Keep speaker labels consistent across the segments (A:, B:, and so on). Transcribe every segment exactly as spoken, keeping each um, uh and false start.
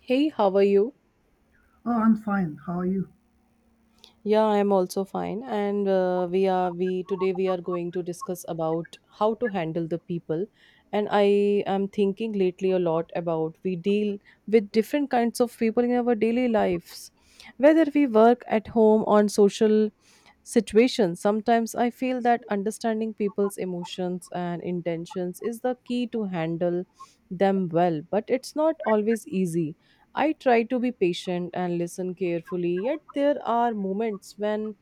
A: Hey, how are you?
B: Oh, I'm fine. How are you?
A: Yeah, I'm also fine. And uh, we are we today we are going to discuss about how to handle the people. And I am thinking lately a lot about we deal with different kinds of people in our daily lives, whether we work at home on social situations. Sometimes I feel that understanding people's emotions and intentions is the key to handle them well, but it's not always easy. I try to be patient and listen carefully, yet there are moments when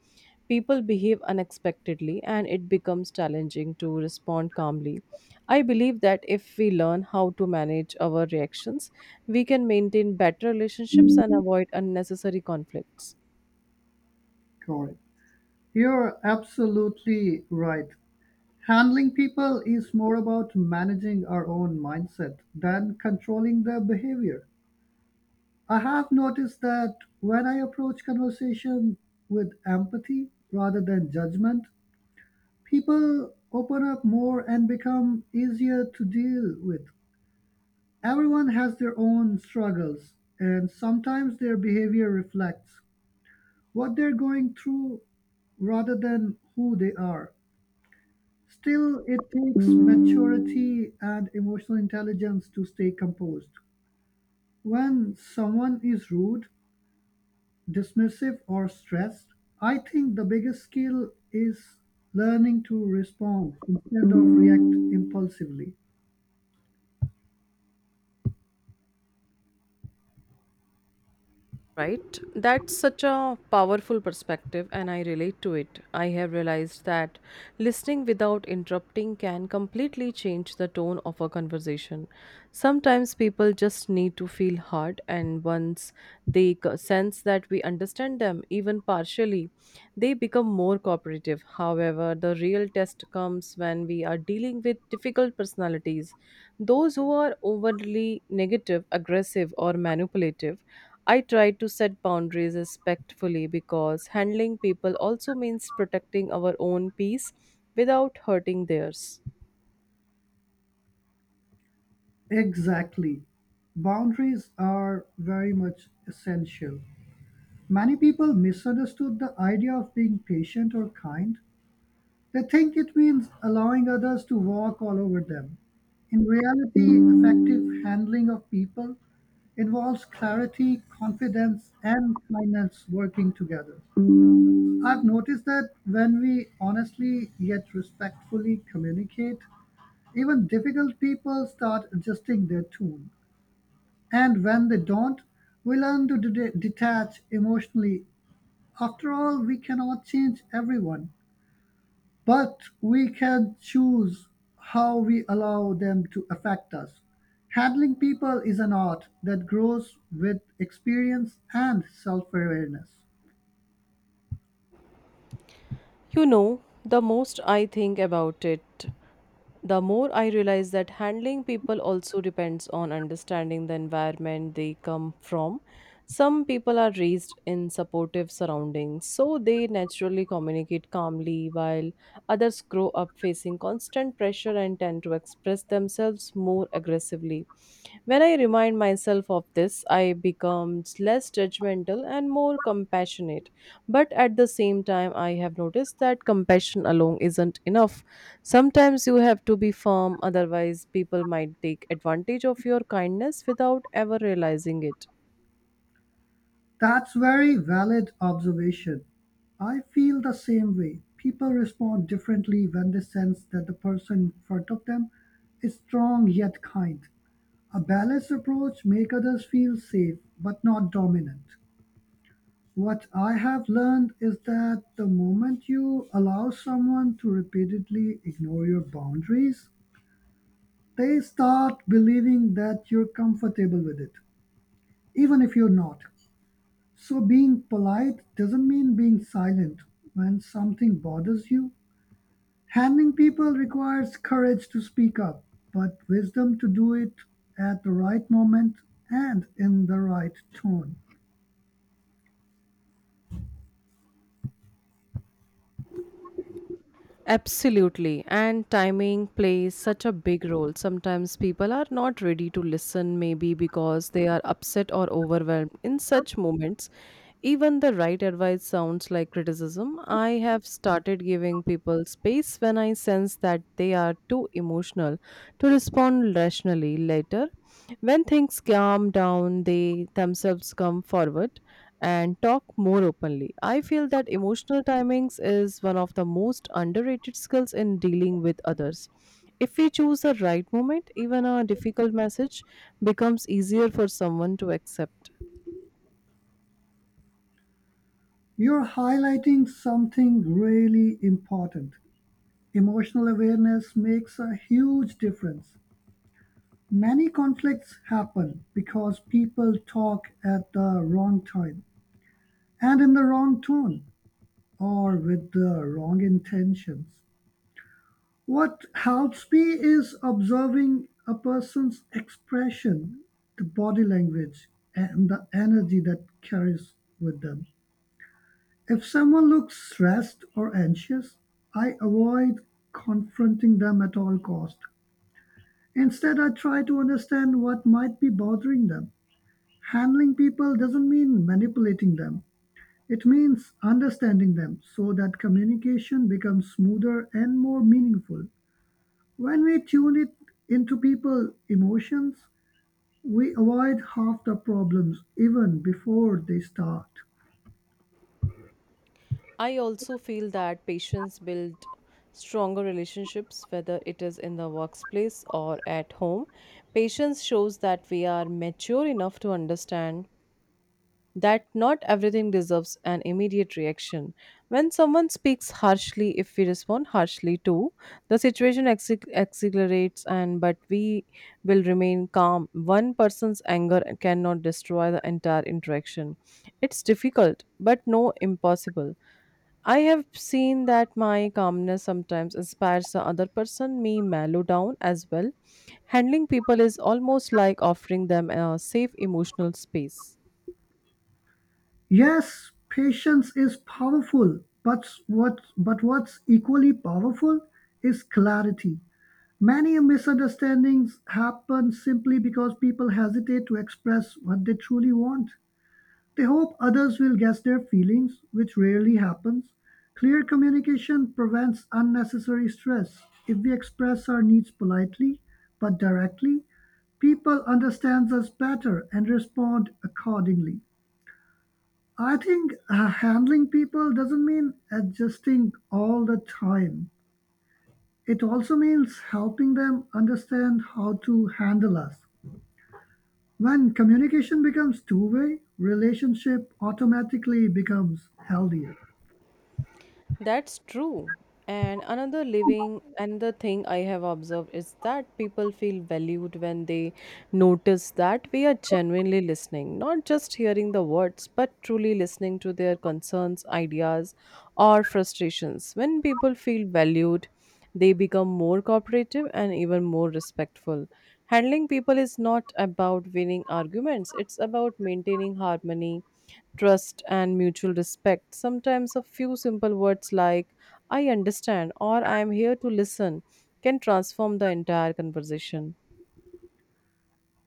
A: people behave unexpectedly and it becomes challenging to respond calmly. I believe that if we learn how to manage our reactions, we can maintain better relationships and avoid unnecessary conflicts.
B: Corey? You're absolutely right. Handling people is more about managing our own mindset than controlling their behavior. I have noticed that when I approach conversation with empathy rather than judgment, people open up more and become easier to deal with. Everyone has their own struggles, and sometimes their behavior reflects what they're going through rather than who they are. Still, it takes maturity and emotional intelligence to stay composed. When someone is rude, dismissive, or stressed, I think the biggest skill is learning to respond instead of react impulsively.
A: Right? That's such a powerful perspective, and I relate to it. I have realized that listening without interrupting can completely change the tone of a conversation. Sometimes people just need to feel heard, and once they c- sense that we understand them, even partially, they become more cooperative. However, the real test comes when we are dealing with difficult personalities, those who are overly negative, aggressive, or manipulative. I try to set boundaries respectfully because handling people also means protecting our own peace without hurting theirs.
B: Exactly. Boundaries are very much essential. Many people misunderstood the idea of being patient or kind. They think it means allowing others to walk all over them. In reality, effective handling of people involves clarity, confidence, and kindness working together. I've noticed that when we honestly yet respectfully communicate, even difficult people start adjusting their tune. And when they don't, we learn to de- detach emotionally. After all, we cannot change everyone, but we can choose how we allow them to affect us. Handling people is an art that grows with experience and self awareness.
A: You know, the most I think about it, the more I realize that handling people also depends on understanding the environment they come from. Some people are raised in supportive surroundings, so they naturally communicate calmly, while others grow up facing constant pressure and tend to express themselves more aggressively. When I remind myself of this, I become less judgmental and more compassionate. But at the same time, I have noticed that compassion alone isn't enough. Sometimes you have to be firm, otherwise, people might take advantage of your kindness without ever realizing it.
B: That's very valid observation. I feel the same way. People respond differently when they sense that the person in front of them is strong yet kind. A balanced approach makes others feel safe but not dominant. What I have learned is that the moment you allow someone to repeatedly ignore your boundaries, they start believing that you're comfortable with it, even if you're not. So, being polite doesn't mean being silent when something bothers you. Handling people requires courage to speak up, but wisdom to do it at the right moment and in the right tone.
A: Absolutely. And timing plays such a big role. Sometimes people are not ready to listen, maybe because they are upset or overwhelmed. In such moments, even the right advice sounds like criticism. I have started giving people space when I sense that they are too emotional to respond rationally later. When things calm down, they themselves come forward and talk more openly. I feel that emotional timings is one of the most underrated skills in dealing with others. If we choose the right moment, even a difficult message becomes easier for someone to accept.
B: You're highlighting something really important. Emotional awareness makes a huge difference. Many conflicts happen because people talk at the wrong time and in the wrong tone or with the wrong intentions. What helps me is observing a person's expression, the body language, and the energy that carries with them. If someone looks stressed or anxious, I avoid confronting them at all cost. Instead, I try to understand what might be bothering them. Handling people doesn't mean manipulating them, it means understanding them so that communication becomes smoother and more meaningful. When we tune it into people's emotions, we avoid half the problems even before they start.
A: I also feel that patients build stronger relationships, whether it is in the workplace or at home. Patience shows that we are mature enough to understand that not everything deserves an immediate reaction. When someone speaks harshly, if we respond harshly too, the situation acce- accelerates, and but we will remain calm. One person's anger cannot destroy the entire interaction. It's difficult, but no impossible. I have seen that my calmness sometimes inspires the other person, me mellow down as well. Handling people is almost like offering them a safe emotional space.
B: Yes, patience is powerful, but what but what's equally powerful is clarity. Many misunderstandings happen simply because people hesitate to express what they truly want. They hope others will guess their feelings, which rarely happens. Clear communication prevents unnecessary stress. If we express our needs politely but directly, people understand us better and respond accordingly. I think uh, handling people doesn't mean adjusting all the time. It also means helping them understand how to handle us. When communication becomes two way, relationship automatically becomes healthier.
A: That's true. And another living, another thing I have observed is that people feel valued when they notice that we are genuinely listening, not just hearing the words, but truly listening to their concerns, ideas, or frustrations. When people feel valued, they become more cooperative and even more respectful. Handling people is not about winning arguments, it's about maintaining harmony, trust, and mutual respect. Sometimes a few simple words like, I understand, or I am here to listen, can transform the entire conversation.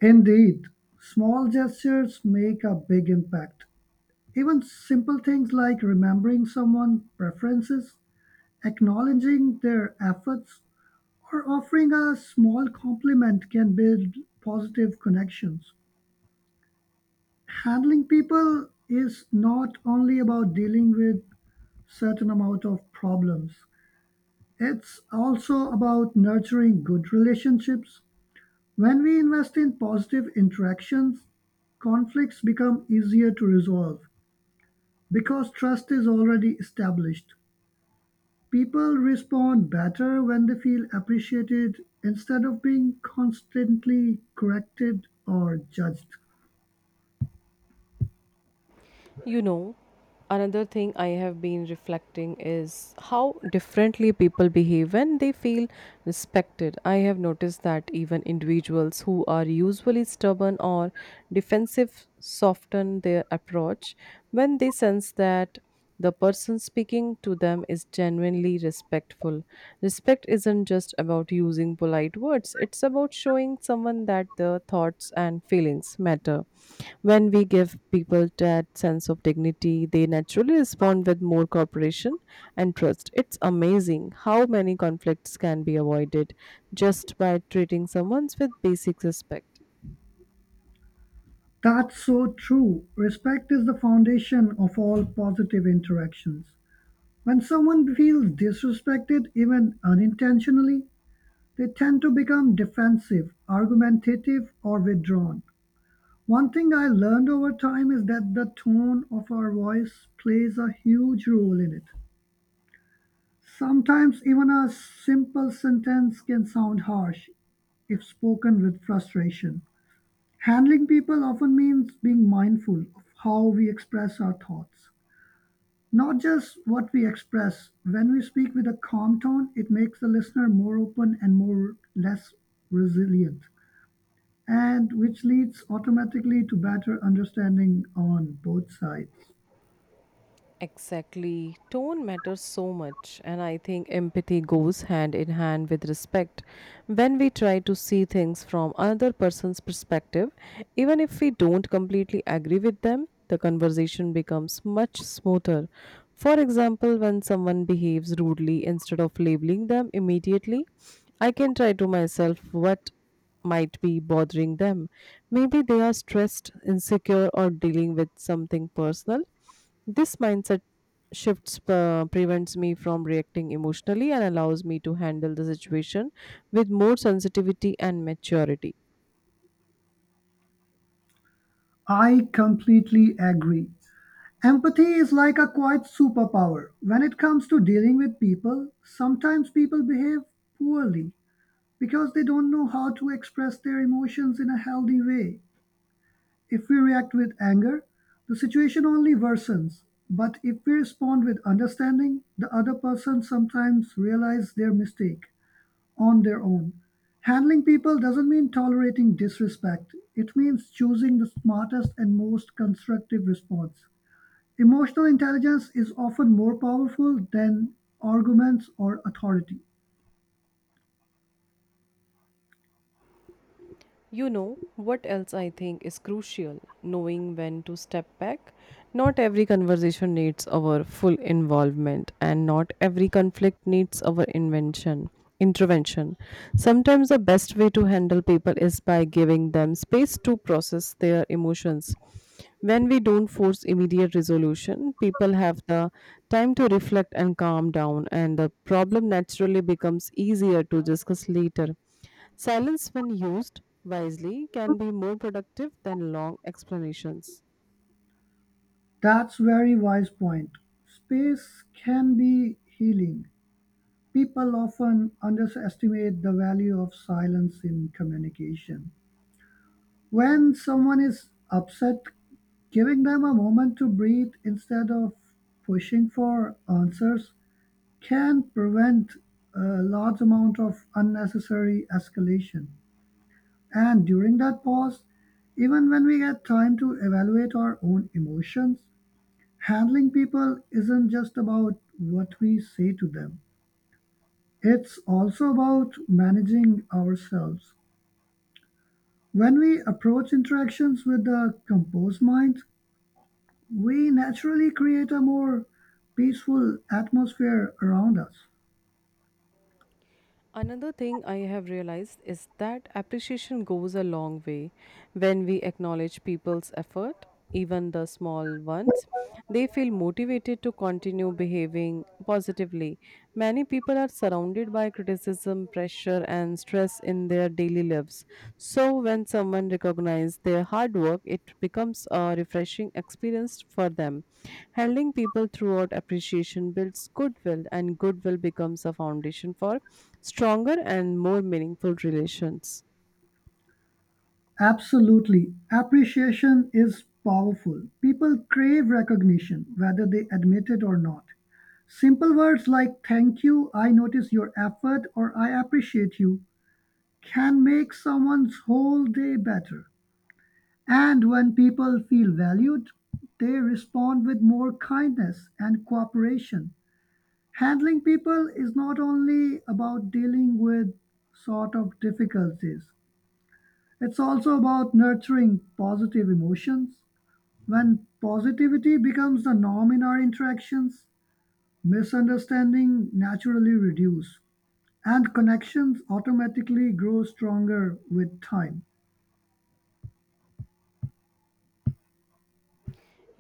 B: Indeed, small gestures make a big impact. Even simple things like remembering someone's preferences, acknowledging their efforts, or offering a small compliment can build positive connections. Handling people is not only about dealing with certain amount of problems. It's also about nurturing good relationships. When we invest in positive interactions, conflicts become easier to resolve because trust is already established. People respond better when they feel appreciated instead of being constantly corrected or judged.
A: You know, another thing I have been reflecting is how differently people behave when they feel respected. I have noticed that even individuals who are usually stubborn or defensive soften their approach when they sense that the person speaking to them is genuinely respectful. Respect isn't just about using polite words, it's about showing someone that their thoughts and feelings matter. When we give people that sense of dignity, they naturally respond with more cooperation and trust. It's amazing how many conflicts can be avoided just by treating someone with basic respect.
B: That's so true. Respect is the foundation of all positive interactions. When someone feels disrespected, even unintentionally, they tend to become defensive, argumentative, or withdrawn. One thing I learned over time is that the tone of our voice plays a huge role in it. Sometimes even a simple sentence can sound harsh if spoken with frustration. Handling people often means being mindful of how we express our thoughts, not just what we express. When we speak with a calm tone, it makes the listener more open and more less resilient, and which leads automatically to better understanding on both sides.
A: Exactly. Tone matters so much, and I think empathy goes hand in hand with respect. When we try to see things from another person's perspective, even if we don't completely agree with them, the conversation becomes much smoother. For example, when someone behaves rudely, instead of labeling them immediately, I can try to myself what might be bothering them. Maybe they are stressed, insecure, or dealing with something personal. This mindset shifts uh, prevents me from reacting emotionally and allows me to handle the situation with more sensitivity and maturity.
B: I completely agree. Empathy is like a quiet superpower. When it comes to dealing with people, sometimes people behave poorly because they don't know how to express their emotions in a healthy way. If we react with anger, the situation only worsens. But if we respond with understanding, the other person sometimes realizes their mistake on their own. Handling people doesn't mean tolerating disrespect. It means choosing the smartest and most constructive response. Emotional intelligence is often more powerful than arguments or authority.
A: You know, what else I think is crucial? Knowing when to step back. Not every conversation needs our full involvement, and not every conflict needs our invention. Intervention. Sometimes the best way to handle people is by giving them space to process their emotions. When we don't force immediate resolution, people have the time to reflect and calm down, and the problem naturally becomes easier to discuss later. Silence, when used wisely, can be more productive than long explanations.
B: That's very wise point. Space can be healing. People often underestimate the value of silence in communication. When someone is upset, giving them a moment to breathe instead of pushing for answers can prevent a large amount of unnecessary escalation. And during that pause, even when we get time to evaluate our own emotions, handling people isn't just about what we say to them, it's also about managing ourselves. When we approach interactions with a composed mind, we naturally create a more peaceful atmosphere around us.
A: Another thing I have realized is that appreciation goes a long way. When we acknowledge people's effort, even the small ones, they feel motivated to continue behaving positively. Many people are surrounded by criticism, pressure, and and stress in their daily lives. So, when someone recognizes their hard work, it becomes a refreshing experience for them. Handling people throughout appreciation builds goodwill, and goodwill becomes a foundation for stronger and more meaningful relations.
B: Absolutely. Appreciation is powerful. People crave recognition, whether they admit it or not. Simple words like "Thank you," "I notice your effort," or "I appreciate you" can make someone's whole day better. And when people feel valued, they respond with more kindness and cooperation. Handling people is not only about dealing with sort of difficulties, it's also about nurturing positive emotions. When positivity becomes the norm in our interactions, misunderstanding naturally reduce, and connections automatically grow stronger with time.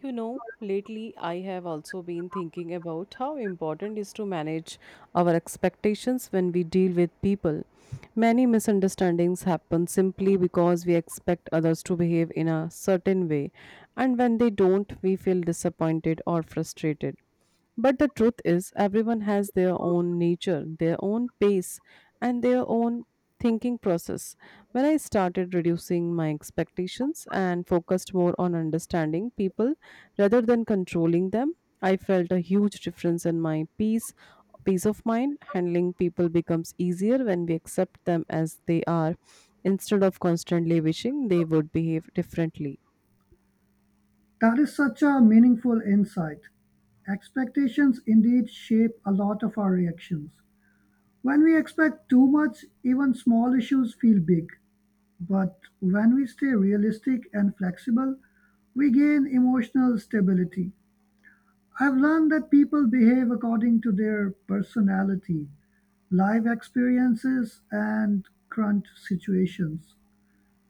A: You know, lately I have also been thinking about how important it is to manage our expectations when we deal with people. Many misunderstandings happen simply because we expect others to behave in a certain way, and when they don't, we feel disappointed or frustrated. But the truth is, everyone has their own nature, their own pace, and their own thinking process. When I started reducing my expectations and focused more on understanding people rather than controlling them, I felt a huge difference in my peace, peace of mind. Handling people becomes easier when we accept them as they are, instead of constantly wishing they would behave differently.
B: That is such a meaningful insight. Expectations indeed shape a lot of our reactions. When we expect too much, even small issues feel big. But when we stay realistic and flexible, we gain emotional stability. I've learned that people behave according to their personality, life experiences, and current situations.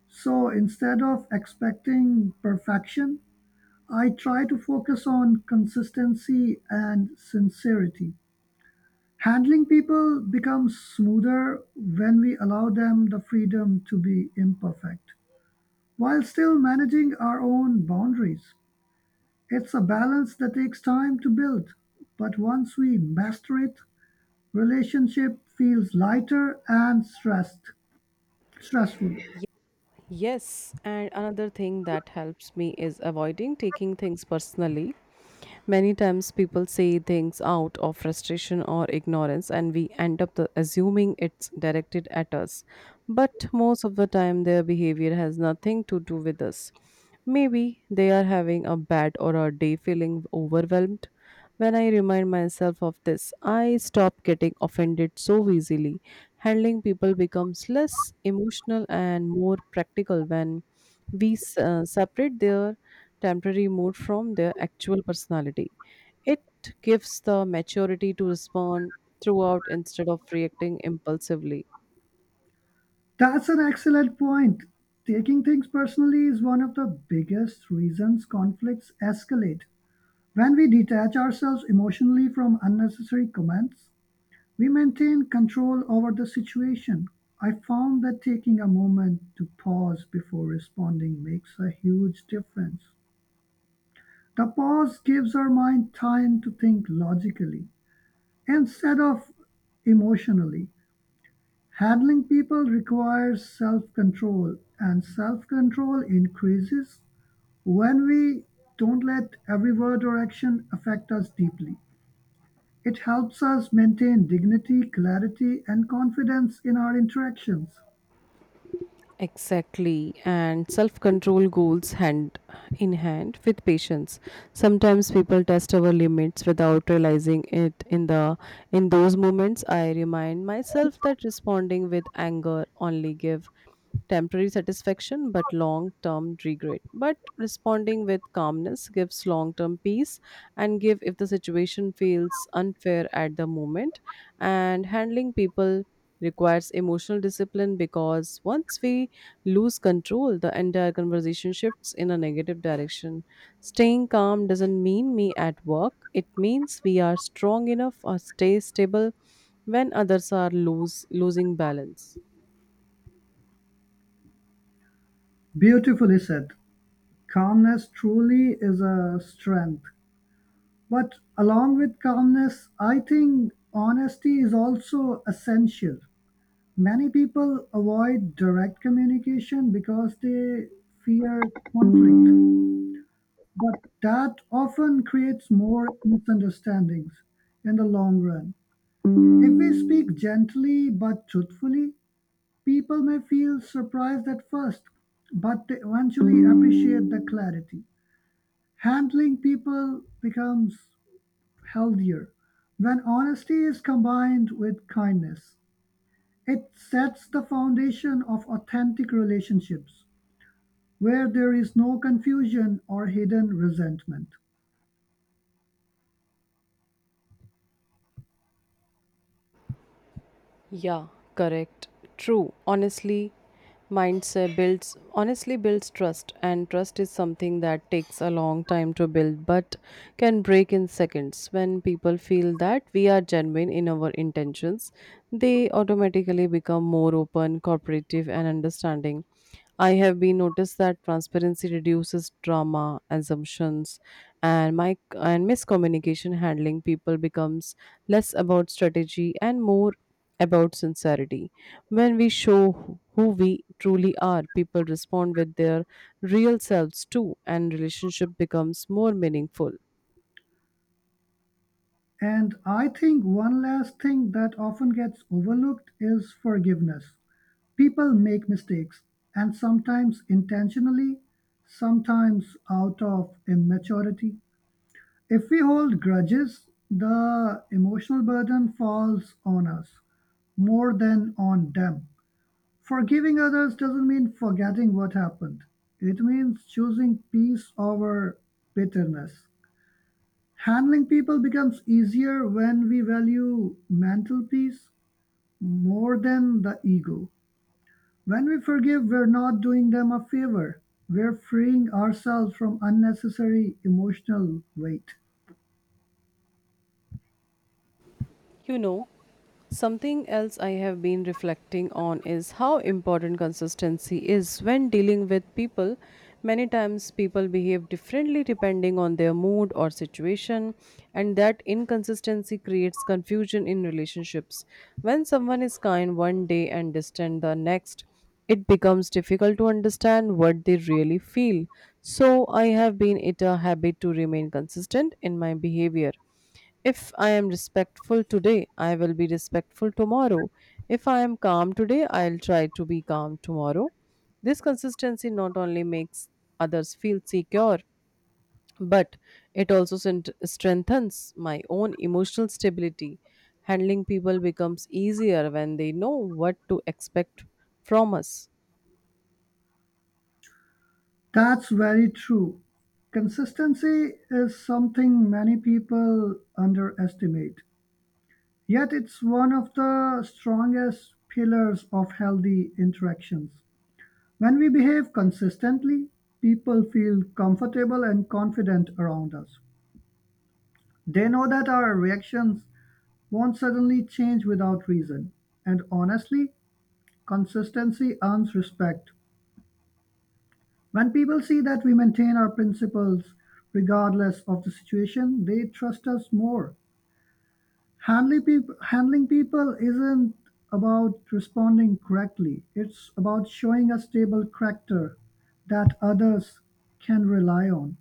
B: So instead of expecting perfection, I try to focus on consistency and sincerity. Handling people becomes smoother when we allow them the freedom to be imperfect while still managing our own boundaries. It's a balance that takes time to build, but once we master it, relationship feels lighter and stressed, stressful.
A: Ye- Yes, and another thing that helps me is avoiding taking things personally. Many times people say things out of frustration or ignorance, and we end up the- assuming it's directed at us. But most of the time, their behavior has nothing to do with us. Maybe they are having a bad or a day feeling overwhelmed. When I remind myself of this, I stop getting offended so easily. Handling people becomes less emotional and more practical when we s- uh, separate their temporary mood from their actual personality. It gives the maturity to respond throughout instead of reacting impulsively.
B: That's an excellent point. Taking things personally is one of the biggest reasons conflicts escalate. When we detach ourselves emotionally from unnecessary comments, we maintain control over the situation. I found that taking a moment to pause before responding makes a huge difference. The pause gives our mind time to think logically instead of emotionally. Handling people requires self-control, and self-control increases when we don't let every word or action affect us deeply. It helps us maintain dignity, clarity, and confidence in our interactions.
A: Exactly, and self control goes hand in hand with patience. Sometimes people test our limits without realizing it in the in those moments I remind myself that responding with anger only give temporary satisfaction but long term regret. But responding with calmness gives long term peace and give if the situation feels unfair at the moment. And handling people requires emotional discipline because once we lose control, the entire conversation shifts in a negative direction. Staying calm doesn't mean me at work, it means we are strong enough or stay stable when others are lose losing balance.
B: Beautifully said. Calmness truly is a strength. But along with calmness, I think honesty is also essential. Many people avoid direct communication because they fear conflict, but that often creates more misunderstandings in the long run. If we speak gently but truthfully, people may feel surprised at first, but they eventually appreciate the clarity. Handling people becomes healthier when honesty is combined with kindness. It sets the foundation of authentic relationships where there is no confusion or hidden resentment.
A: Yeah, correct. True. Honestly, mindset builds, honestly builds trust, and trust is something that takes a long time to build but can break in seconds. When people feel that we are genuine in our intentions, they automatically become more open, cooperative, and understanding. I have been noticed that transparency reduces drama, assumptions, and my and miscommunication. Handling people becomes less about strategy and more about sincerity. When we show who who we truly are, people respond with their real selves too, and relationship becomes more meaningful.
B: And I think one last thing that often gets overlooked is forgiveness. People make mistakes, and sometimes intentionally, sometimes out of immaturity. If we hold grudges, the emotional burden falls on us more than on them. Forgiving others doesn't mean forgetting what happened. It means choosing peace over bitterness. Handling people becomes easier when we value mental peace more than the ego. When we forgive, we're not doing them a favor. We're freeing ourselves from unnecessary emotional weight.
A: You know, something else I have been reflecting on is how important consistency is when dealing with people. Many times, people behave differently depending on their mood or situation, and that inconsistency creates confusion in relationships. When someone is kind one day and distant the next, it becomes difficult to understand what they really feel. So, I have been it a habit to remain consistent in my behavior. If I am respectful today, I will be respectful tomorrow. If I am calm today, I'll try to be calm tomorrow. This consistency not only makes others feel secure, but it also sent- strengthens my own emotional stability. Handling people becomes easier when they know what to expect from us.
B: That's very true. Consistency is something many people underestimate. Yet it's one of the strongest pillars of healthy interactions. When we behave consistently, people feel comfortable and confident around us. They know that our reactions won't suddenly change without reason. And honestly, consistency earns respect. When people see that we maintain our principles regardless of the situation, they trust us more. Handling people, handling people isn't about responding correctly. It's about showing a stable character that others can rely on.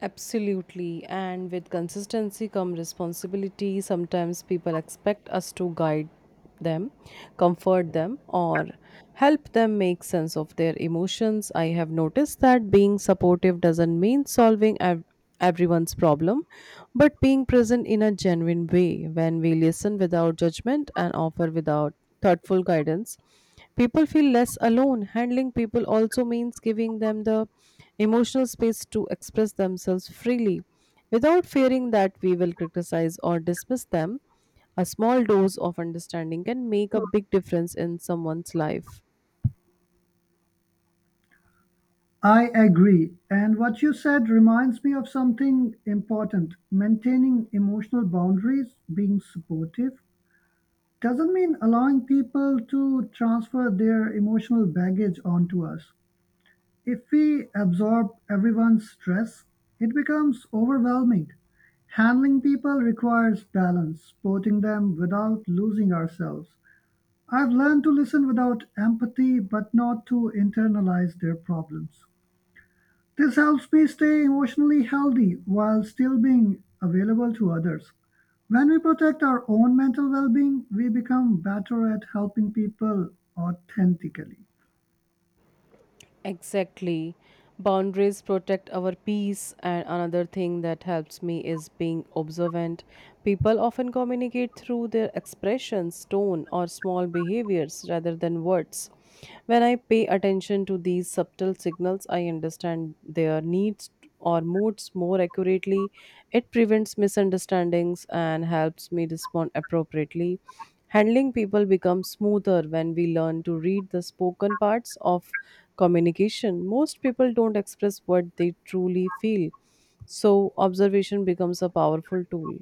A: Absolutely, and with consistency come responsibility. Sometimes people expect us to guide them, comfort them, or help them make sense of their emotions. I have noticed that being supportive doesn't mean solving ev- everyone's problem, but being present in a genuine way. When we listen without judgment and offer without thoughtful guidance, people feel less alone. Handling people also means giving them the emotional space to express themselves freely without fearing that we will criticize or dismiss them. A small dose of understanding can make a big difference in someone's life.
B: I agree. And what you said reminds me of something important. Maintaining emotional boundaries, being supportive, doesn't mean allowing people to transfer their emotional baggage onto us. If we absorb everyone's stress, it becomes overwhelming. Handling people requires balance, supporting them without losing ourselves. I've learned to listen without empathy, but not to internalize their problems. This helps me stay emotionally healthy while still being available to others. When we protect our own mental well being, we become better at helping people authentically.
A: Exactly. Boundaries protect our peace, and another thing that helps me is being observant. People often communicate through their expressions, tone, or small behaviors rather than words. When I pay attention to these subtle signals, I understand their needs or moods more accurately. It prevents misunderstandings and helps me respond appropriately. Handling people becomes smoother when we learn to read the spoken parts of communication. Most people don't express what they truly feel, so observation becomes a powerful tool.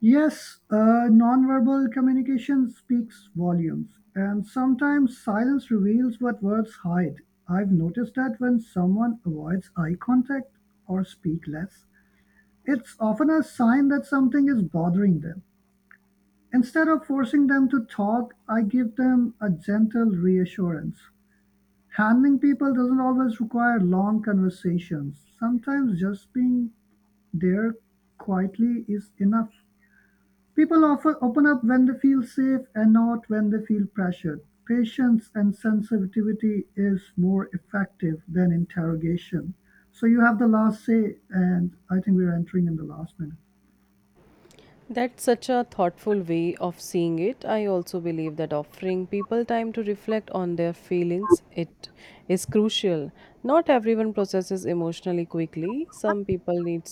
B: Yes, uh, nonverbal communication speaks volumes, and sometimes silence reveals what words hide. I've noticed that when someone avoids eye contact or speak less, it's often a sign that something is bothering them. Instead of forcing them to talk, I give them a gentle reassurance. Handling people doesn't always require long conversations. Sometimes just being there quietly is enough. People often open up when they feel safe and not when they feel pressured. Patience and sensitivity is more effective than interrogation. So you have the last say, and I think we're entering in the last minute.
A: That's such a thoughtful way of seeing it. I also believe that offering people time to reflect on their feelings it is crucial. Not everyone processes emotionally quickly. Some people need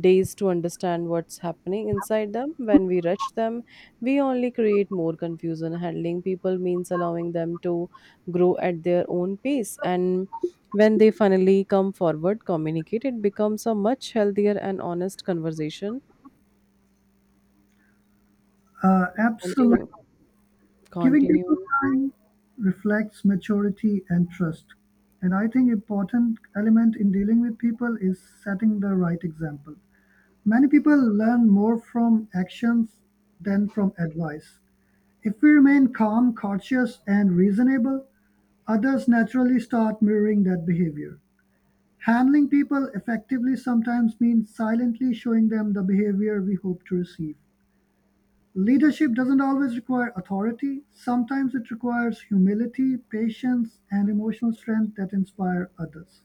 A: days to understand what's happening inside them. When we rush them, we only create more confusion. Handling people means allowing them to grow at their own pace, and when they finally come forward, communicate, it becomes a much healthier and honest conversation.
B: Uh, absolutely.
A: Continue.
B: Giving people
A: Continue.
B: time reflects maturity and trust. And I think important element in dealing with people is setting the right example. Many people learn more from actions than from advice. If we remain calm, cautious, and reasonable, others naturally start mirroring that behavior. Handling people effectively sometimes means silently showing them the behavior we hope to receive. Leadership doesn't always require authority, sometimes it requires humility, patience, and emotional strength that inspire others.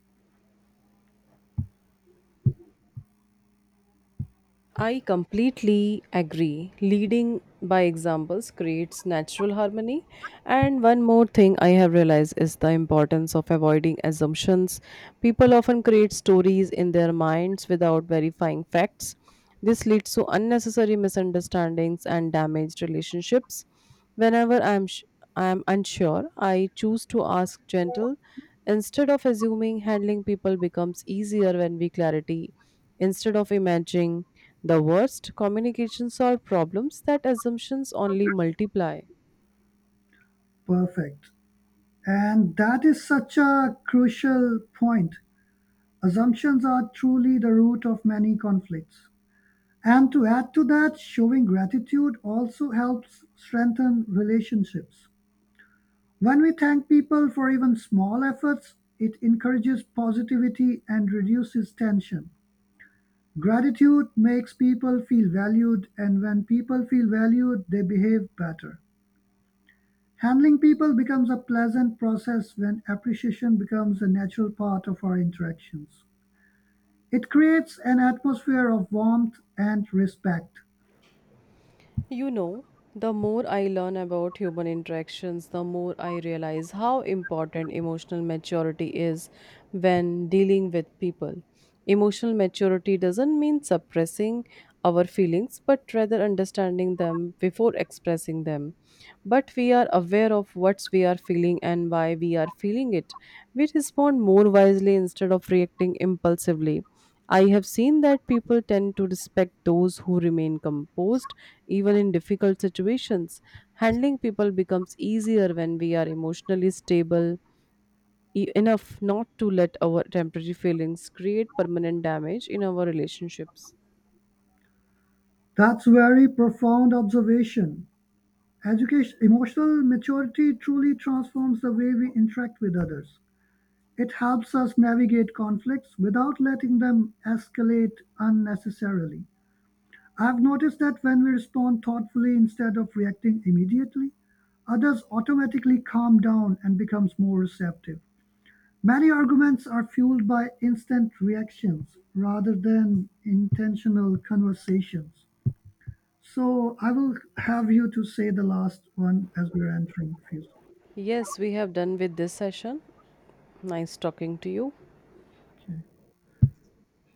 A: I completely agree. Leading by examples creates natural harmony. And one more thing I have realized is the importance of avoiding assumptions. People often create stories in their minds without verifying facts. This leads to unnecessary misunderstandings and damaged relationships. Whenever I am sh- I am unsure, I choose to ask gentle instead of assuming. Handling people becomes easier when we clarity instead of imagining the worst. Communication solves problems that assumptions only multiply.
B: Perfect. And that is such a crucial point. Assumptions are truly the root of many conflicts. And to add to that, showing gratitude also helps strengthen relationships. When we thank people for even small efforts, it encourages positivity and reduces tension. Gratitude makes people feel valued, and when people feel valued, they behave better. Handling people becomes a pleasant process when appreciation becomes a natural part of our interactions. It creates an atmosphere of warmth and respect.
A: You know, the more I learn about human interactions, the more I realize how important emotional maturity is when dealing with people. Emotional maturity doesn't mean suppressing our feelings, but rather understanding them before expressing them. But we are aware of what we are feeling and why we are feeling it. We respond more wisely instead of reacting impulsively. I have seen that people tend to respect those who remain composed even in difficult situations. Handling people becomes easier when we are emotionally stable e- enough not to let our temporary feelings create permanent damage in our relationships.
B: That's very profound observation. Education Emotional maturity truly transforms the way we interact with others. It helps us navigate conflicts without letting them escalate unnecessarily. I've noticed that when we respond thoughtfully instead of reacting immediately, others automatically calm down and becomes more receptive. Many arguments are fueled by instant reactions rather than intentional conversations. So I will have you to say the last one as we're entering. Fiz-
A: Yes, we have done with this session. Nice talking to you.
B: Okay.